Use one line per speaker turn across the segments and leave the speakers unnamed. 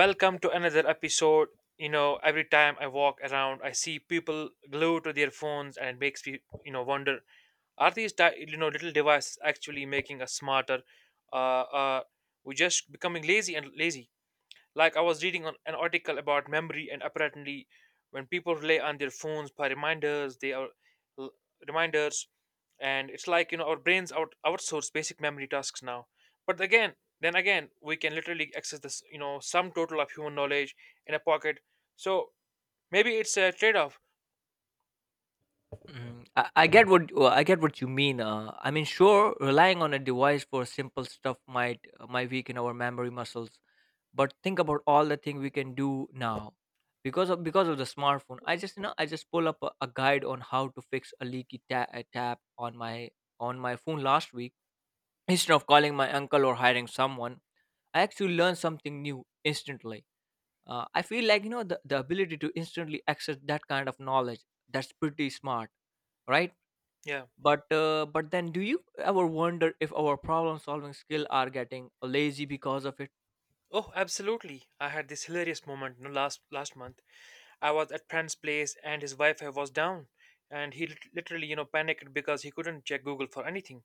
Welcome to another episode. You know, every time I walk around, I see people glued to their phones, and it makes me, you know, wonder: are these, little devices actually making us smarter? Uh, uh, we're just becoming lazy and lazy. Like I was reading on an article about memory, and apparently, when people rely on their phones for reminders, they are l- reminders, and it's like you know our brains outsource basic memory tasks now. But again, then again, we can literally access this you know some total of human knowledge in a pocket. So maybe it's a trade-off.
Mm, I get what I get what you mean. I mean, sure, relying on a device for simple stuff might weaken our memory muscles. But think about all the thing we can do now because of the smartphone. I just I just pull up a guide on how to fix a a tap on my phone last week. Instead of calling my uncle or hiring someone, I actually learned something new instantly. I feel like the ability to instantly access that kind of knowledge, that's pretty smart, right?
Yeah.
But but then do you ever wonder if our problem solving skill are getting lazy because of it?
Oh, absolutely. I had this hilarious moment you know, last month. I was at friend's place and his Wi-Fi was down, and he literally, you know, panicked because he couldn't check Google for anything.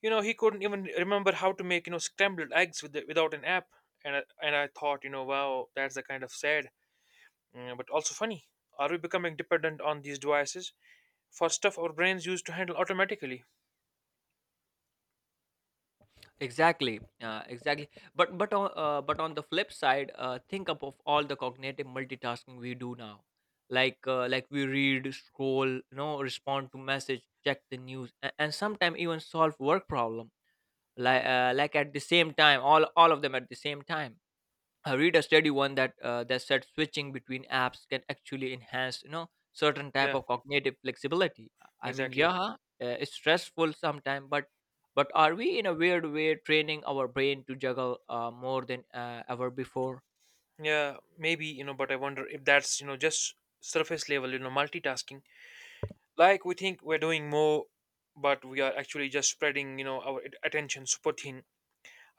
You know, he couldn't even remember how to make, you know, scrambled eggs without an app. And I thought, you know, wow, that's the kind of sad, mm, but also funny. Are we becoming dependent on these devices for stuff our brains used to handle automatically?
Exactly, exactly. But but on the flip side think up of all the cognitive multitasking we do now. Like like we read, scroll, you know, respond to message, check the news, and sometimes even solve work problem, like at the same time, all of them at the same time. I read a study one that that said switching between apps can actually enhance, you know, certain type
Yeah,
of cognitive flexibility. I mean,
exactly.
yeah, it's stressful sometimes, but are we in a weird way training our brain to juggle more than ever before?
Yeah, maybe, you know, but I wonder if that's, you know, just surface level, you know, multitasking. Like we think we're doing more, but we are actually just spreading, you know, our attention super thin.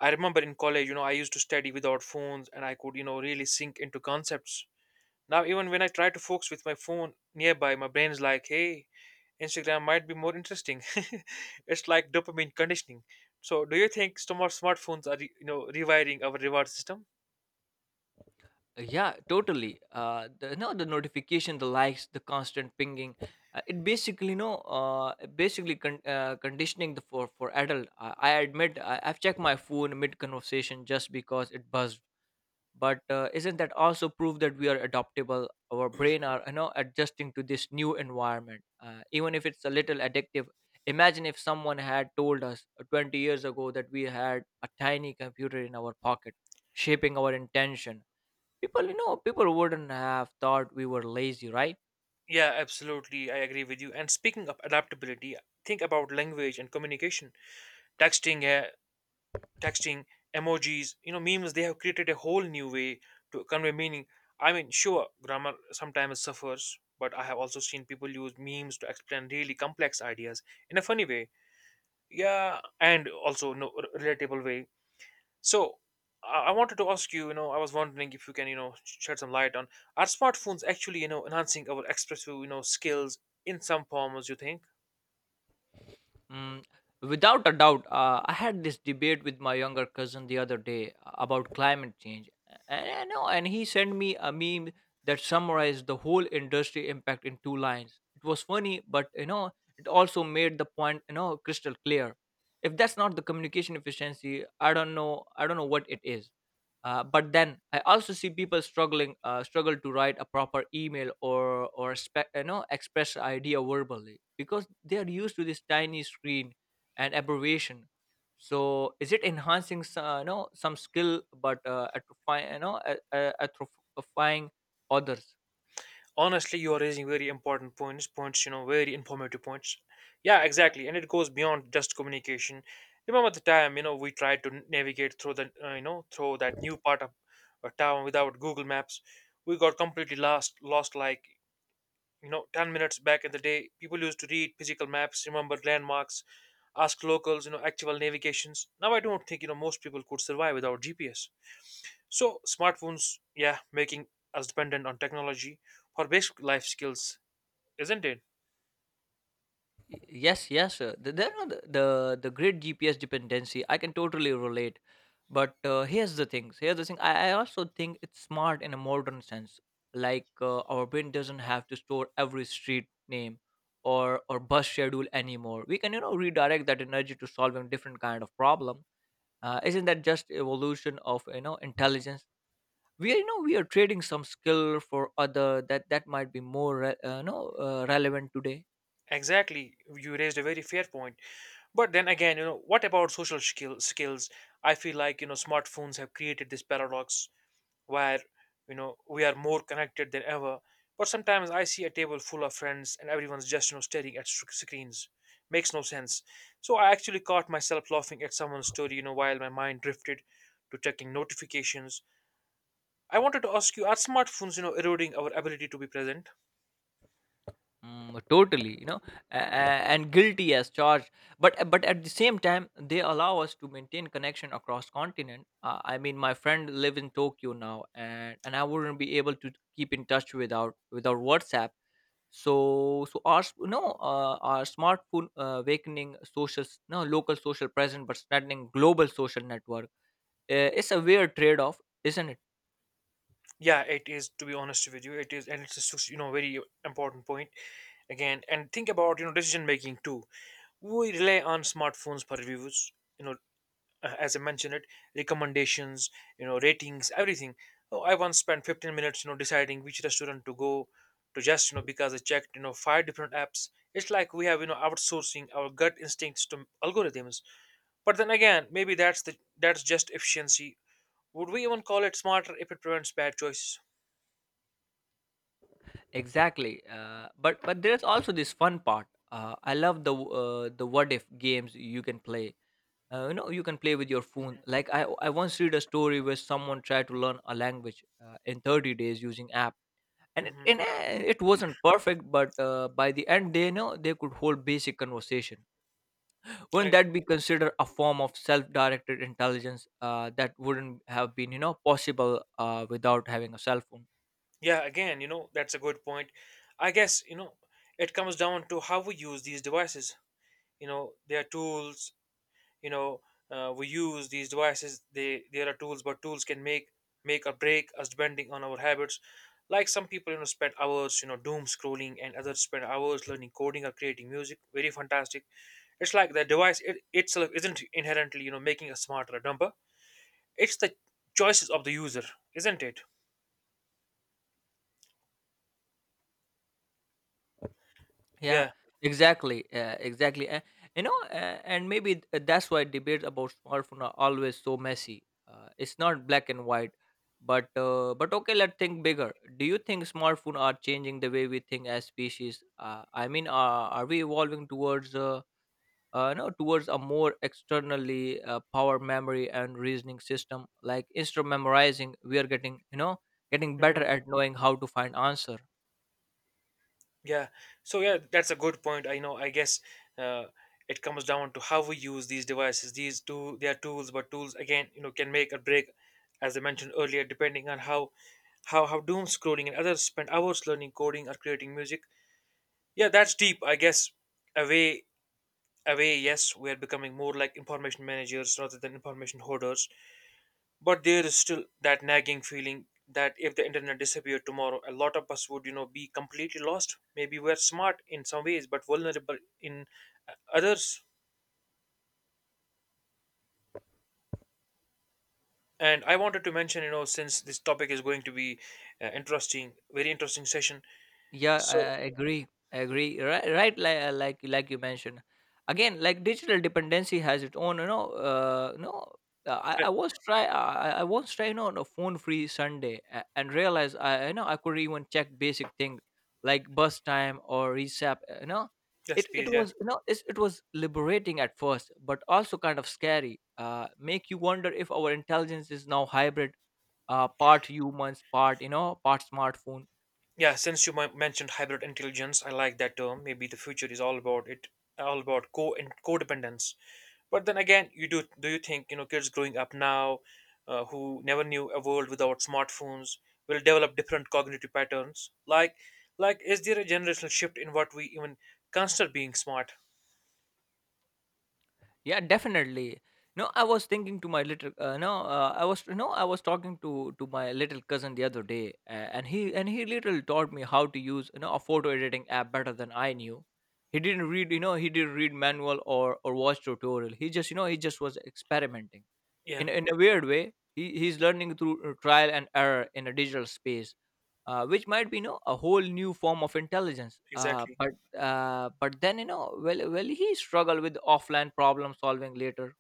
I remember in college, you know, I used to study without phones and I could, you know, really sink into concepts. Now, even when I try to focus with my phone nearby, my brain's like, hey, Instagram might be more interesting. It's like dopamine conditioning. So, do you think smartphones are, you know, rewiring our reward system?
Yeah, totally. The no, The notification, the likes, the constant pinging, it basically no, it basically conditioning the for adult. I admit I've checked my phone mid conversation just because it buzzed. But isn't that also proof that we are adaptable, our brain are, you know, adjusting to this new environment, even if it's a little addictive? Imagine if someone had told us 20 years ago that we had a tiny computer in our pocket shaping our intention. People, people wouldn't have thought we were lazy, right?
Yeah, absolutely. I agree with you. And speaking of adaptability, think about language and communication. Texting, yeah, texting, emojis, you know, memes, they have created a whole new way to convey meaning. I mean, sure, grammar sometimes suffers, but I have also seen people use memes to explain really complex ideas in a funny way. Yeah, and also no relatable way. So I wanted to ask you, you know, I was wondering if you can, you know, shed some light on, are smartphones actually, you know, enhancing our expressive, you know, skills in some forms, you think?
Mm, without a doubt. I had this debate with my younger cousin the other day about climate change. And he sent me a meme that summarized the whole industry impact in two lines. It was funny, but you know, it also made the point, you know, crystal clear. If that's not the communication efficiency, I don't know. I don't know what it is. But then I also see people struggling struggle to write a proper email or you know, express idea verbally because they are used to this tiny screen and abbreviation. So is it enhancing some, you know, some skill but atrophy, you know, atrophying others?
Honestly, you are raising very important points, you know, very informative points. Yeah, exactly, and it goes beyond just communication. Remember the time, you know, we tried to navigate through the you know, through that new part of a town without Google Maps. We got completely lost like, you know, 10 minutes. Back in the day, people used to read physical maps, remember landmarks, ask locals, you know, actual navigations. Now I don't think, you know, most people could survive without GPS. So smartphones, yeah, making us dependent on technology for basic life skills, isn't it?
Y- Yes, yes, sir. The, no, the great GPS dependency, I can totally relate. But here's the thing. Here's the thing. I also think it's smart in a modern sense. Like our brain doesn't have to store every street name or bus schedule anymore. We can, you know, redirect that energy to solving different kind of problem. Isn't that just evolution of, you know, intelligence? We are, you know, we are trading some skill for other that might be more re- no relevant today.
Exactly. You raised a very fair point. But then again, you know, what about social skills? I feel like, you know, smartphones have created this paradox where, you know, we are more connected than ever. But sometimes I see a table full of friends and everyone's just, you know, staring at screens. Makes no sense. So I actually caught myself laughing at someone's story, you know, while my mind drifted to checking notifications. I wanted to ask you, are smartphones, you know, eroding our ability to be present?
Mm, totally, you know, and guilty as charged. But at the same time they allow us to maintain connection across continent. I mean, my friend live in Tokyo now, and I wouldn't be able to keep in touch without WhatsApp. So so our you know, our smartphone awakening social s- no local social presence but strengthening global social network. It's a weird trade-off, isn't it?
Yeah, it is. To be honest with you, it is, and it's a you know, very important point again. And think about, you know, decision making too. We rely on smartphones for reviews. You know, as I mentioned it, recommendations, you know, ratings, everything. Oh, I once spent 15 minutes, you know, deciding which restaurant to go to, just, you know, because I checked, you know, five different apps. It's like we have, you know, outsourcing our gut instincts to algorithms. But then again, maybe that's the that's just efficiency. Would we even call it smarter if it prevents bad choices?
Exactly. But there's also this fun part. I love the the what if games you can play. You know, you can play with your phone. Like I once read a story where someone tried to learn a language in 30 days using app, and it
Mhm.
and, uh, it wasn't perfect, but by the end they know they could hold basic conversation. Wouldn't
I,
that be considered a form of self-directed intelligence that wouldn't have been, you know, possible without having a cell phone?
yeah, again, you know, that's a good point. I guess, you know, it comes down to how we use these devices. You know, they are tools, you know, we use these devices, they are tools, but tools can make or break us depending on our habits. Like some people, you know, spend hours, you know, doom scrolling and others spend hours learning coding or creating music. Very fantastic. It's like the itself isn't inherently, you know, making us smarter or dumber. It's the choices of the user, isn't it?
Yeah,
Yeah.
exactly, exactly. You know, uh, and maybe that's why debates about smartphone are always so messy. It's not black and white, but okay, let's think bigger. Do you think smartphone are changing the way we think as species? I mean, are we evolving towards no, towards a more externally power memory and reasoning system. Like instead of memorizing, we are getting, you know, getting better
Mm-hmm.
at knowing how to find answer.
Yeah. So yeah, that's a good point. I know. I guess uh, it comes down to how we use these devices. These two, they are tools, but tools again, you know, can make or break, as I mentioned earlier, depending on how doom scrolling and others spend hours learning coding or creating music. Yeah, that's deep. I guess away away. Yes, we are becoming more like information managers rather than information hoarders, but there is still that nagging feeling that if the internet disappeared tomorrow, a lot of us would, you know, be completely lost. Maybe we're smart in some ways but vulnerable in, others. And I wanted to mention, you know, since this topic is going to be interesting very interesting session.
Yeah,
So
I agree. I agree. Right, right. Like, like you mentioned, again, like digital dependency has its own. You know, you
uh,
I was try. I was trying on a phone-free Sunday and realized I, you know, I could not even check basic things like bus time or resap. You know,
yes,
it
please, yeah.
was, you know, it was liberating at first, but also kind of scary. Make you wonder if our intelligence is now hybrid, part humans, part, you know, part smartphone.
Yeah, since you mentioned hybrid intelligence, I like that term. Maybe the future is all about it, all about co and codependence. But then again, you do do you think, you know, kids growing up now, who never knew a world without smartphones, will develop different cognitive patterns? Like, is there a generational shift in what we even consider being smart?
Yeah, definitely. No I was thinking to my little no I was no I was talking to my little cousin the other day and he literally taught me how to use, you know, a photo editing app better than I knew. He didn't read, you know, he didn't read manual or watch tutorial. He just, you know, he just was experimenting.
Yeah,
In a weird way, he's learning through trial and error in a digital space, which might be, you know, a whole new form of intelligence. Uh,
exactly.
But but then, you know, will he struggle with offline problem solving later?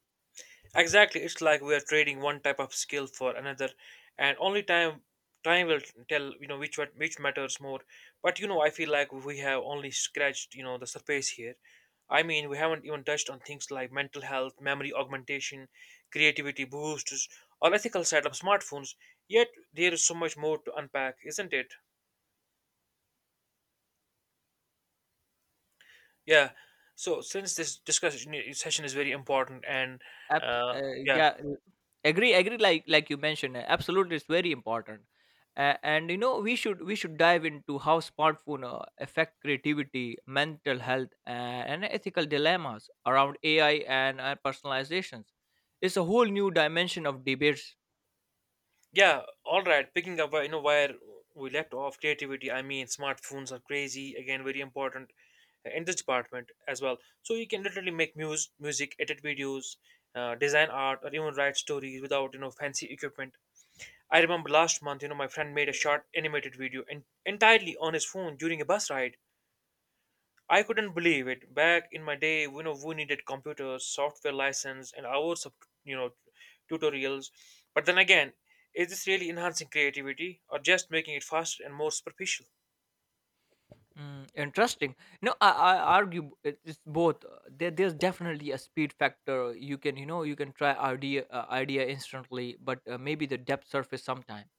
Exactly, it's like we are trading one type of skill for another, and only time will tell, you know, which one which matters more. But you know, I feel like we have only scratched, you know, the surface here. I mean, we haven't even touched on things like mental health, memory augmentation, creativity boosts, or ethical side of smartphones. Yet there is so much more to unpack, isn't it? Yeah. So since this discussion session is very important, and
App, uh,
yeah.
yeah, agree, agree. Like you mentioned, absolutely, it's very important. And you know, we should dive into how smartphone affect creativity, mental health, and ethical dilemmas around AI and personalizations. It's a whole new dimension of debates.
Yeah, all right. Picking up, you know, where we left off, creativity. I mean, smartphones are crazy. Again, very important in this department as well. So you can literally make music, edit videos, design art, or even write stories without, you know, fancy equipment. I remember last month, you know, my friend made a short animated video and entirely on his phone during a bus ride. I couldn't believe it. Back in my day, you know, we needed computers, software license, and hours of, you know, tutorials. But then again, is this really enhancing creativity or just making it faster and more superficial?
Mm, interesting. No, I argue it's both. There's definitely a speed factor. You can, you know, you can try idea instantly, but maybe the depth surface sometime.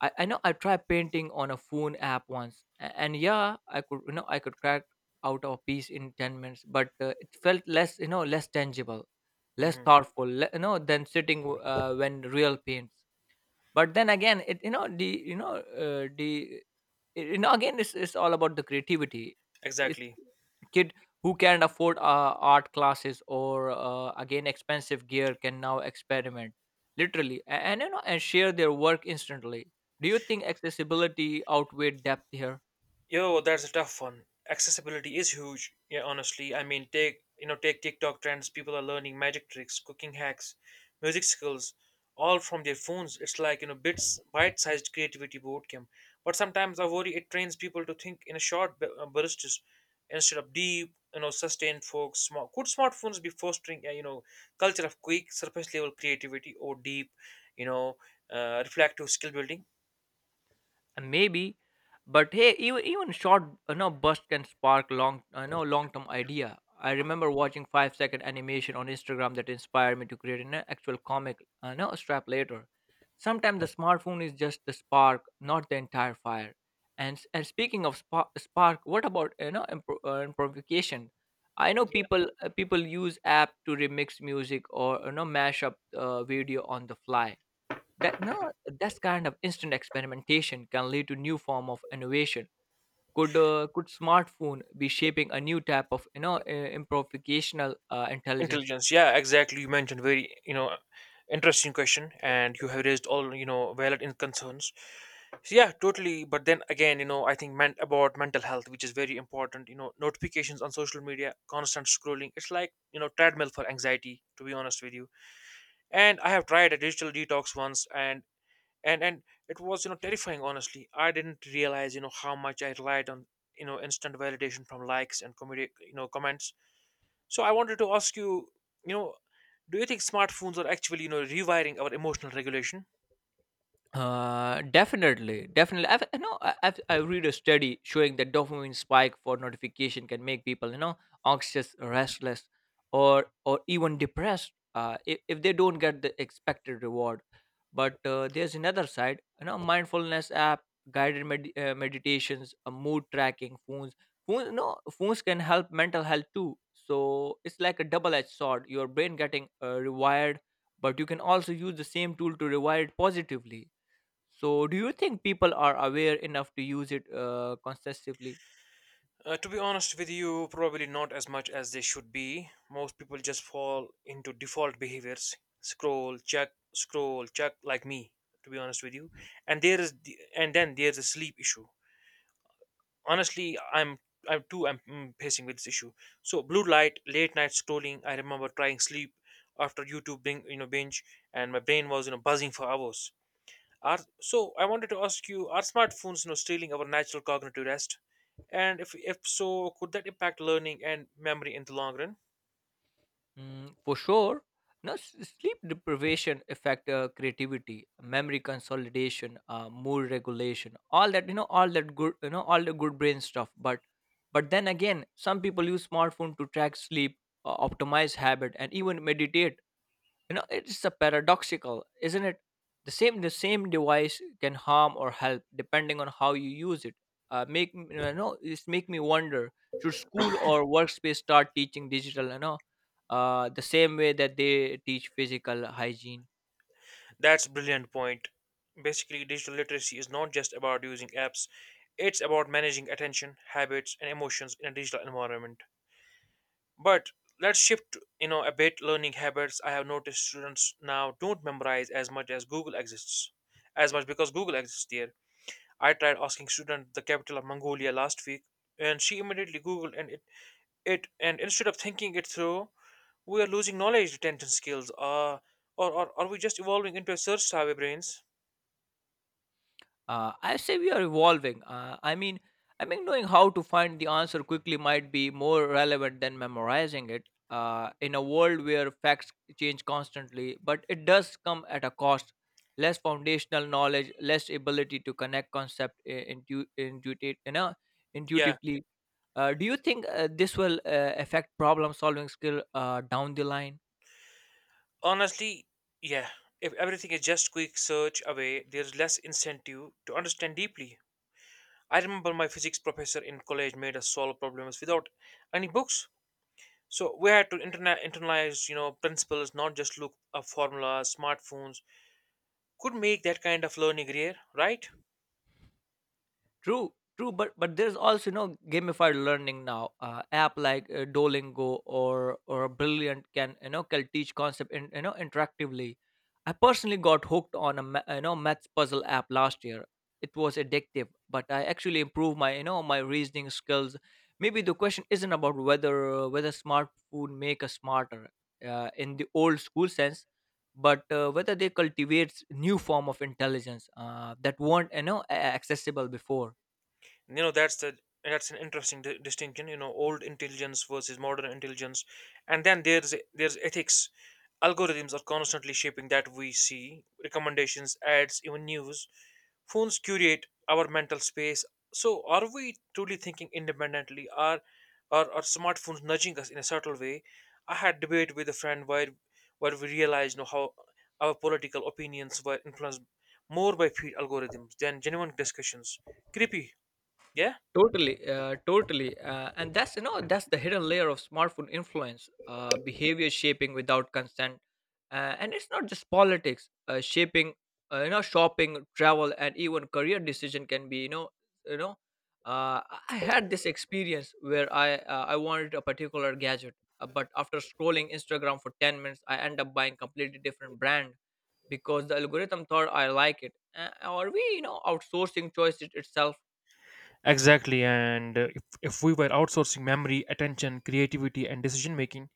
I know I tried painting on a phone app once, and yeah, I could, you know, I could crack out a piece in 10 minutes, but it felt less, you know, less tangible, less
Hmm.
thoughtful, you know, than sitting when real paints. But then again, it you know the I- you know, again, it's all about the creativity. It's
Exactly.
kid who can afford art classes or again expensive gear can now experiment literally and, you know, and share their work instantly. Do you think accessibility outweighed depth here?
Yo, that's a tough one. Accessibility is huge. Yeah, honestly, I mean, take TikTok trends. People are learning magic tricks, cooking hacks, music skills, all from their phones. It's like, you know, bits bite-sized creativity boot camp. But sometimes I worry it trains people to think in a short bursts instead of deep, you know, sustained focus. Smart, could smartphones be fostering a, you know, culture of quick surface level creativity or deep, you know, reflective skill building?
Maybe, but hey, even, even short, you know, burst can spark long, you know, long term idea. I remember watching 5-second animation on Instagram that inspired me to create an actual comic, you know, strap later. Sometimes the smartphone is just the spark, not the entire fire. And and speaking of spark, what about, you know, improvisation. I know people people use app to remix music or, you know, mash up video on the fly. That no, This kind of instant experimentation can lead to new form of innovation. Could smartphone be shaping a new type of, you know, improvisational intelligence?
Intelligence, yeah, exactly. You mentioned very, you know, interesting question and you have raised all, you know, valid in concerns. So yeah, totally, but then again, you know, I think meant about mental health, which is very important. You know, notifications on social media, constant scrolling, it's like, you know, treadmill for anxiety, to be honest with you. And I have tried a digital detox once, and it was, you know, terrifying. Honestly, I didn't realize, you know, how much I relied on, you know, instant validation from likes and you know, comments. So I wanted to ask you, you know, do you think smartphones are actually, you know, rewiring our emotional regulation?
Definitely, definitely. I've, you know, I read a study showing that dopamine spike for notification can make people, you know, anxious, restless, or even depressed. If they don't get the expected reward. But there's another side. You know, mindfulness app, guided meditations, mood tracking, phones. Phones, no, phones can help mental health too. So it's like a double-edged sword. Your brain getting rewired, but you can also use the same tool to rewire it positively. So, do you think people are aware enough to use it consistently?
To be honest with you, probably not as much as they should be. Most people just fall into default behaviors, scroll, check, like me. To be honest with you, and and then there's a sleep issue. Honestly, I'm mm, facing with this issue. So blue light, late night scrolling. I remember trying sleep after YouTube, you know, binge, and my brain was, you know, buzzing for hours. Are, so I wanted to ask you, are smartphones, you know, stealing our natural cognitive rest? And if so, could that impact learning and memory in the long run?
Mm, for sure. Now, sleep deprivation affect creativity, memory consolidation, mood regulation, all that, you know, all that good, you know, all the good brain stuff. But then again, some people use smartphone to track sleep, optimize habit, and even meditate. It's a paradoxical, isn't it? The same device can harm or help depending on how you use it. Uh, make m- you know it's make me wonder, should school or workspace start teaching digital, the same way that they teach physical hygiene?
That's a brilliant point. Basically, digital literacy is not just about using apps, it's about managing attention, habits, and emotions in a digital environment. But let's shift, a bit learning habits. I have noticed students now don't memorize as much because Google exists there. I tried asking student the capital of Mongolia last week, and she immediately googled and instead of thinking it through, we are losing knowledge retention skills. Or are we just evolving into a search savvy brains?
I say we are evolving. I mean, knowing how to find the answer quickly might be more relevant than memorizing it, in a world where facts change constantly. But it does come at a cost: less foundational knowledge, less ability to connect concept
Yeah,
intuitively. Do you think this will affect problem solving skill down the line?
honestly, yeah. If everything is just quick search away, there's less incentive to understand deeply. I remember my physics professor in college made us solve problems without any books. So we had to internalize, principles, not just look up formulas. Smartphones could make that kind of learning rare, right?
True, true, but there's also, you know, gamified learning now. App like Duolingo or Brilliant can, you know, can teach concept in, you know, interactively. I personally got hooked on a maths puzzle app last year. It was addictive, but I actually improved my, you know, my reasoning skills. Maybe the question isn't about whether smartphone make us smarter in the old school sense, but whether they cultivate new form of intelligence that weren't, you know, accessible before.
You know that's the that's an interesting distinction, you know, old intelligence versus modern intelligence. And then there's ethics. Algorithms are constantly shaping that we see, recommendations, ads, even news. Phones curate our mental space, so are we truly thinking independently, are smartphones nudging us in a subtle way? I had debate with a friend where we realized, how our political opinions were influenced more by feed algorithms than genuine discussions. Creepy. Yeah.
Totally, totally, and that's, you know, that's the hidden layer of smartphone influence, behavior shaping without consent, and it's not just politics. You know, shopping, travel, and even career decision can be, you know, I had this experience where I wanted a particular gadget, but after scrolling Instagram for 10 minutes, I end up buying completely different brand because the algorithm thought I like it. Are we, you know, outsourcing choice it itself?
Exactly, and if we were outsourcing memory, attention, creativity, and decision making,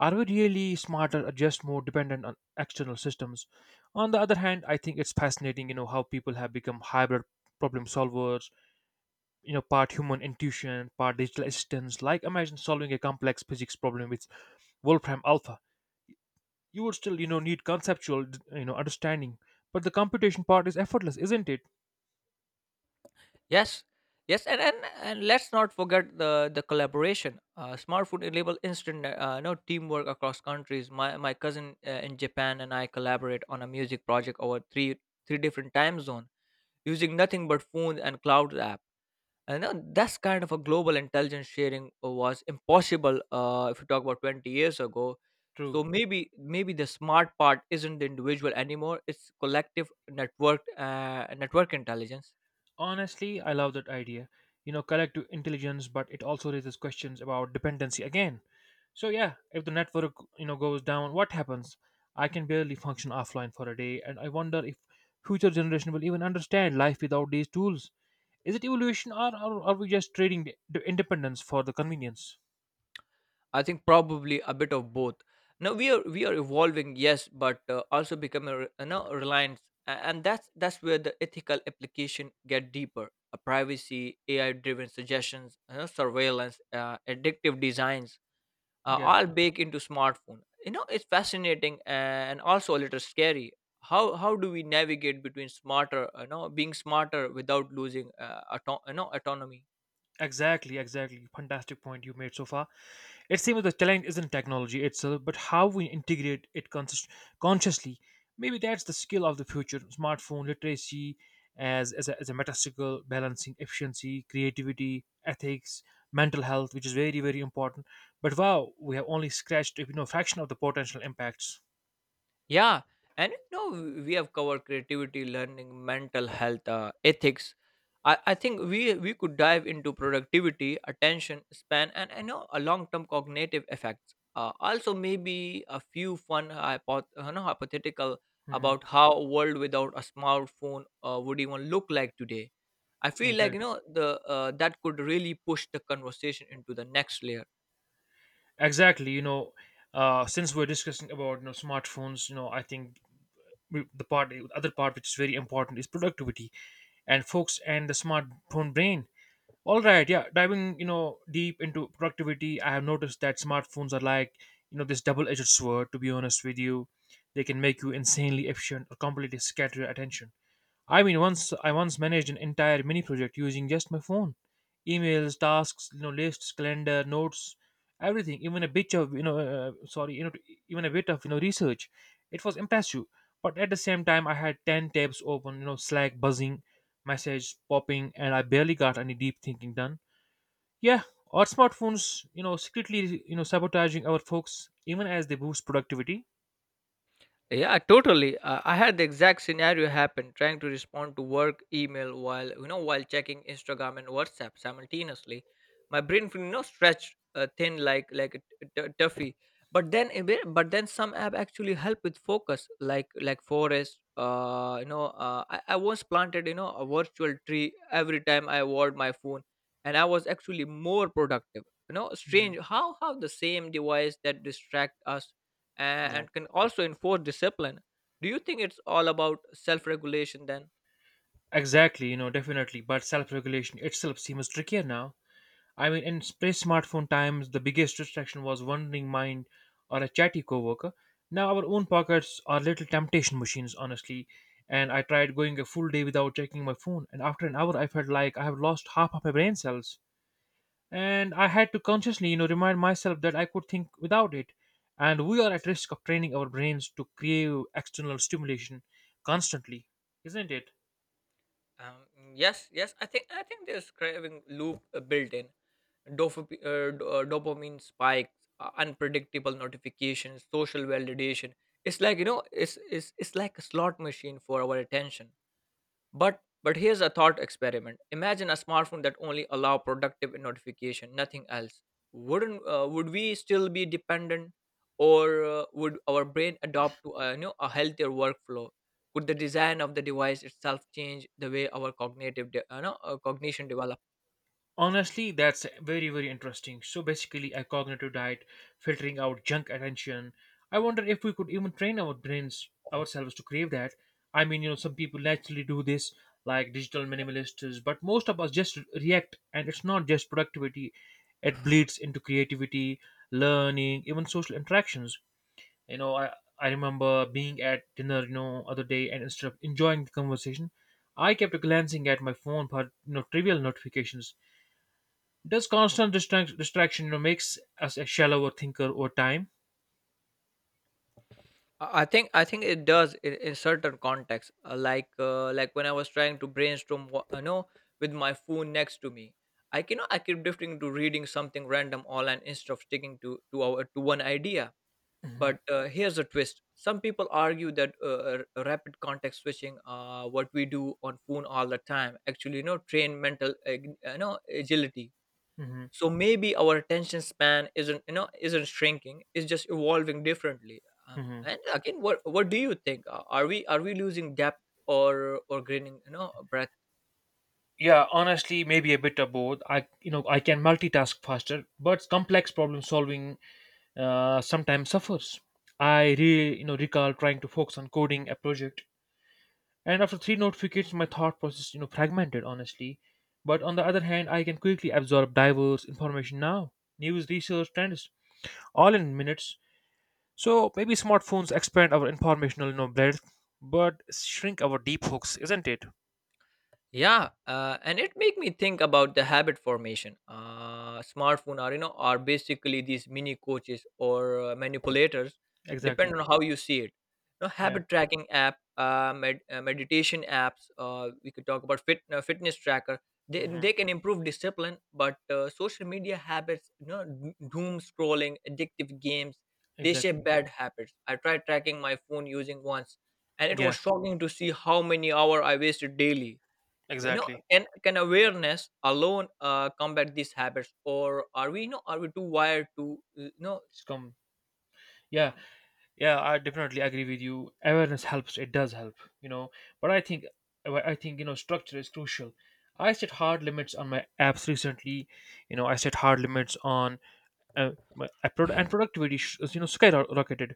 are we really smarter or just more dependent on external systems? On the other hand, I think it's fascinating, how people have become hybrid problem solvers, part human intuition, part digital assistance. Like imagine solving a complex physics problem with Wolfram Alpha. You would still need conceptual, you know, understanding, but the computation part is effortless, isn't it?
Yes, yes, and let's not forget the collaboration. Smart enable instant no teamwork across countries. My cousin in Japan and I collaborate on a music project over three different time zone using nothing but phone and cloud app. And that's kind of a global intelligence sharing was impossible if you talk about 20 years ago.
True.
So maybe, maybe the smart part isn't the individual anymore. It's collective network, network intelligence.
Honestly, I love that idea. You know, collective intelligence, but it also raises questions about dependency again. So yeah, if the network goes down, what happens? I can barely function offline for a day, and I wonder if future generation will even understand life without these tools. Is it evolution, or are we just trading the independence for the convenience?
I think probably a bit of both. Now we are evolving, yes, but also becoming reliant, and that's where the ethical application get deeper. A privacy, AI-driven suggestions, you know, surveillance, addictive designs,
Yeah.
all baked into smartphone. You know, it's fascinating and also a little scary. How do we navigate between smarter, you know, being smarter without losing autonomy?
Exactly, exactly. Fantastic point you made so far. It seems the challenge isn't technology itself, but how we integrate it consciously. Maybe that's the skill of the future smartphone literacy as a meta skill, balancing efficiency, creativity, ethics, mental health, which is very, very important. But wow, we have only scratched, fraction of the potential impacts.
Yeah, and you know we have covered creativity, learning, mental health, ethics. I think we could dive into productivity, attention span, and I know a long term cognitive effects. Also, maybe a few fun hypothetical
Hmm.
about how a world without a smartphone would even look like today. I feel like,
Exactly.
you know, the that could really push the conversation into the next layer.
Exactly. You know, since we're discussing about smartphones, you know, I think the other part which is very important is productivity and folks and the smartphone brain. All right, yeah, diving, deep into productivity, I have noticed that smartphones are like, this double-edged sword, to be honest with you. They can make you insanely efficient or completely scatter your attention. I mean, once I once managed an entire mini project using just my phone, emails, tasks, you know, lists, calendar, notes, everything. Even a bit of you know, sorry, you know, even a bit of you know research. It was impressive, but at the same time, I had ten tabs open, you know, Slack buzzing, messages popping, and I barely got any deep thinking done. Yeah, our smartphones, you know, secretly sabotaging our folks, even as they boost productivity.
Yeah, totally. I had the exact scenario happen trying to respond to work email while, you know, while checking Instagram and WhatsApp simultaneously. My brain, you know, stretched thin like a toffee. But then some app actually help with focus like forest. I once planted, you know, a virtual tree every time I wore my phone, and I was actually more productive. You know,
Hmm.
strange how the same device that distract us,
Yeah.
and can also enforce discipline. Do you think it's all about self-regulation then?
Exactly, you know, definitely. But self regulation itself seems trickier now. I mean, in pre-smartphone times, the biggest distraction was wandering mind or a chatty coworker. Now our own pockets are little temptation machines, honestly. And I tried going a full day without checking my phone, and after an hour, I felt like I have lost half of my brain cells. And I had to consciously, you know, remind myself that I could think without it. And we are at risk of training our brains to crave external stimulation constantly, isn't it?
um, yes, yes, I think there's craving loop built in. Dopamine spikes, unpredictable notifications, social validation. It's like, you know, it's like a slot machine for our attention. But here's a thought experiment. Imagine a smartphone that only allow productive notification, nothing else. Wouldn't would we still be dependent, or would our brain adopt to a, you know, a healthier workflow? Could the design of the device itself change the way our cognitive, de- no, cognition develops?
Honestly, that's very, very interesting. So basically, a cognitive diet, filtering out junk attention. I wonder if we could even train our brains ourselves to crave that. I mean, you know, some people naturally do this, like digital minimalists, but most of us just react, and it's not just productivity, it bleeds into creativity, learning, even social interactions. You know, I remember being at dinner, you know, other day, and instead of enjoying the conversation, I kept glancing at my phone for trivial notifications. Does constant distraction, you know, makes us a shallower thinker over time?
I think it does in certain contexts. Like like when I was trying to brainstorm, what, you know, with my phone next to me, I keep drifting to reading something random online instead of sticking to our to one idea. But here's a twist: some people argue that rapid context switching, what we do on phone all the time, actually, you know, train mental, you know, agility.
Hmm.
So maybe our attention span isn't, you know, isn't shrinking, it's just evolving differently.
Hmm.
And again, what do you think? Are we, are we losing depth, or gaining, you know, breadth?
Yeah, honestly, maybe a bit of both. I can multitask faster, but complex problem solving sometimes suffers. I recall trying to focus on coding a project, and after three notifications, my thought process, you know, fragmented, honestly. But on the other hand, I can quickly absorb diverse information now, news, research, trends, all in minutes. So maybe smartphones expand our informational, breadth, but shrink our deep hooks, isn't it?
Yeah, and it make me think about the habit formation. Smartphone are, you know, are basically these mini coaches or manipulators,
Exactly.
depending on how you see it. You know,
Yeah.
habit tracking app, meditation apps, we could talk about fitness tracker. they,
Hmm.
they can improve discipline, but social media habits, you know, doom scrolling, addictive games, they shape
Exactly.
bad habits. I tried tracking my phone using once, and it
Yeah,
was shocking to see how many hours I wasted daily. You know,
exactly.
can awareness alone combat these habits, or are we, you know, are we too wired to,
It's come. Yeah.
some-
Yeah. I definitely agree with you. Awareness helps. It does help. You know. But I think, well, I think you know structure is crucial. I set hard limits on my apps recently. You know, I set hard limits on my and productivity. You know, skyrocketed.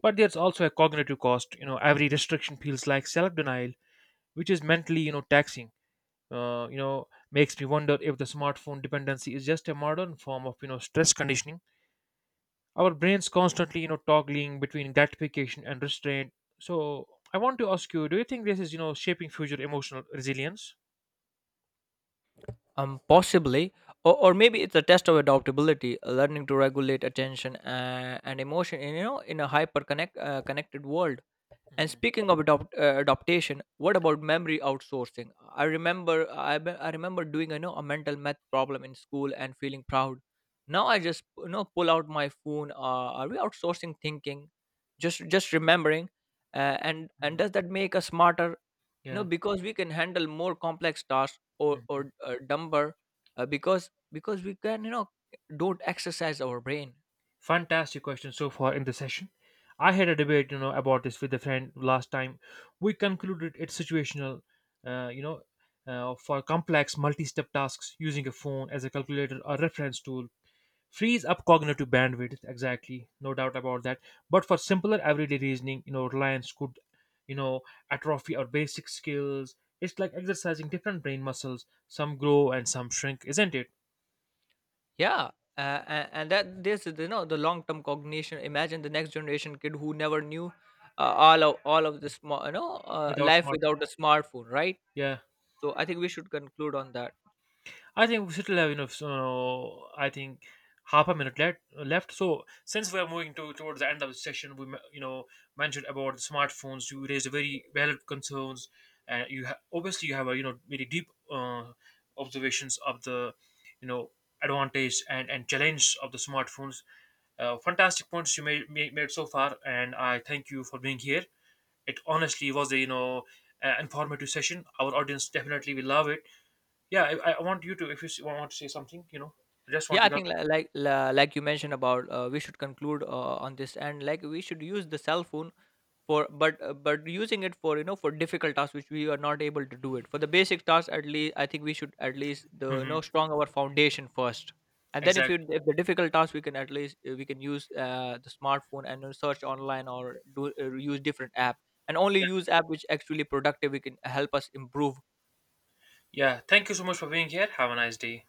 But there's also a cognitive cost. You know, every restriction feels like self denial, which is mentally you know taxing. You know, makes me wonder if the smartphone dependency is just a modern form of, you know, stress conditioning. Our brains constantly, you know, toggling between gratification and restraint. So I want to ask you, do you think this is, you know, shaping future emotional resilience?
um, possibly, or maybe it's a test of adaptability, learning to regulate attention and emotion in, you know, in a hyper connected world. And
Hmm.
speaking of adaptation, what about memory outsourcing? I remember doing, you know, a mental math problem in school and feeling proud. Now I just, you know, pull out my phone. Are we outsourcing thinking? Just remembering, and
Hmm.
does that make us smarter? No,
Yeah.
because we can handle more complex tasks, or
Mm-hmm.
or dumber, because we can, you know, don't exercise our brain.
Fantastic question so far in the session. I had a debate, you know, about this with a friend last time. We concluded it's situational, you know, for complex multi-step tasks, using a phone as a calculator or reference tool frees up cognitive bandwidth. Exactly, no doubt about that. But for simpler everyday reasoning, you know, reliance could, you know, atrophy or basic skills. It's like exercising different brain muscles. Some grow and some shrink, isn't it?
Yeah, and that this is, you know, the long term cognition. Imagine the next generation kid who never knew all of the small, you know,
Without
life
smart,
without a smartphone, right?
yeah.
So I think we should conclude on that.
I think we still have enough. So I think half a minute left. Left. So since we are moving to towards the end of the session, we you know mentioned about smartphones. You raised very valid concerns, and you obviously you have a you know very deep observations of the, you know, advantage and challenge of the smartphones. Fantastic points you made so far, and I thank you for being here. It honestly was a, you know, informative session. Our audience definitely will love it. Yeah, I want you to, if you want to say something, you know, I just want
Yeah,
to
I
go.
think, like you mentioned about, we should conclude on this, and like we should use the cell phone for, but using it for, you know, for difficult tasks which we are not able to do it. For the basic tasks at least, I think we should at least, the you
Hmm.
know strong our foundation first, and then if you,
Exactly.
if the difficult task, we can at least we can use the smartphone and search online or do, use different app, and only
Yeah.
use app which actually productive we can help us improve.
Yeah. Thank you so much for being here. Have a nice day.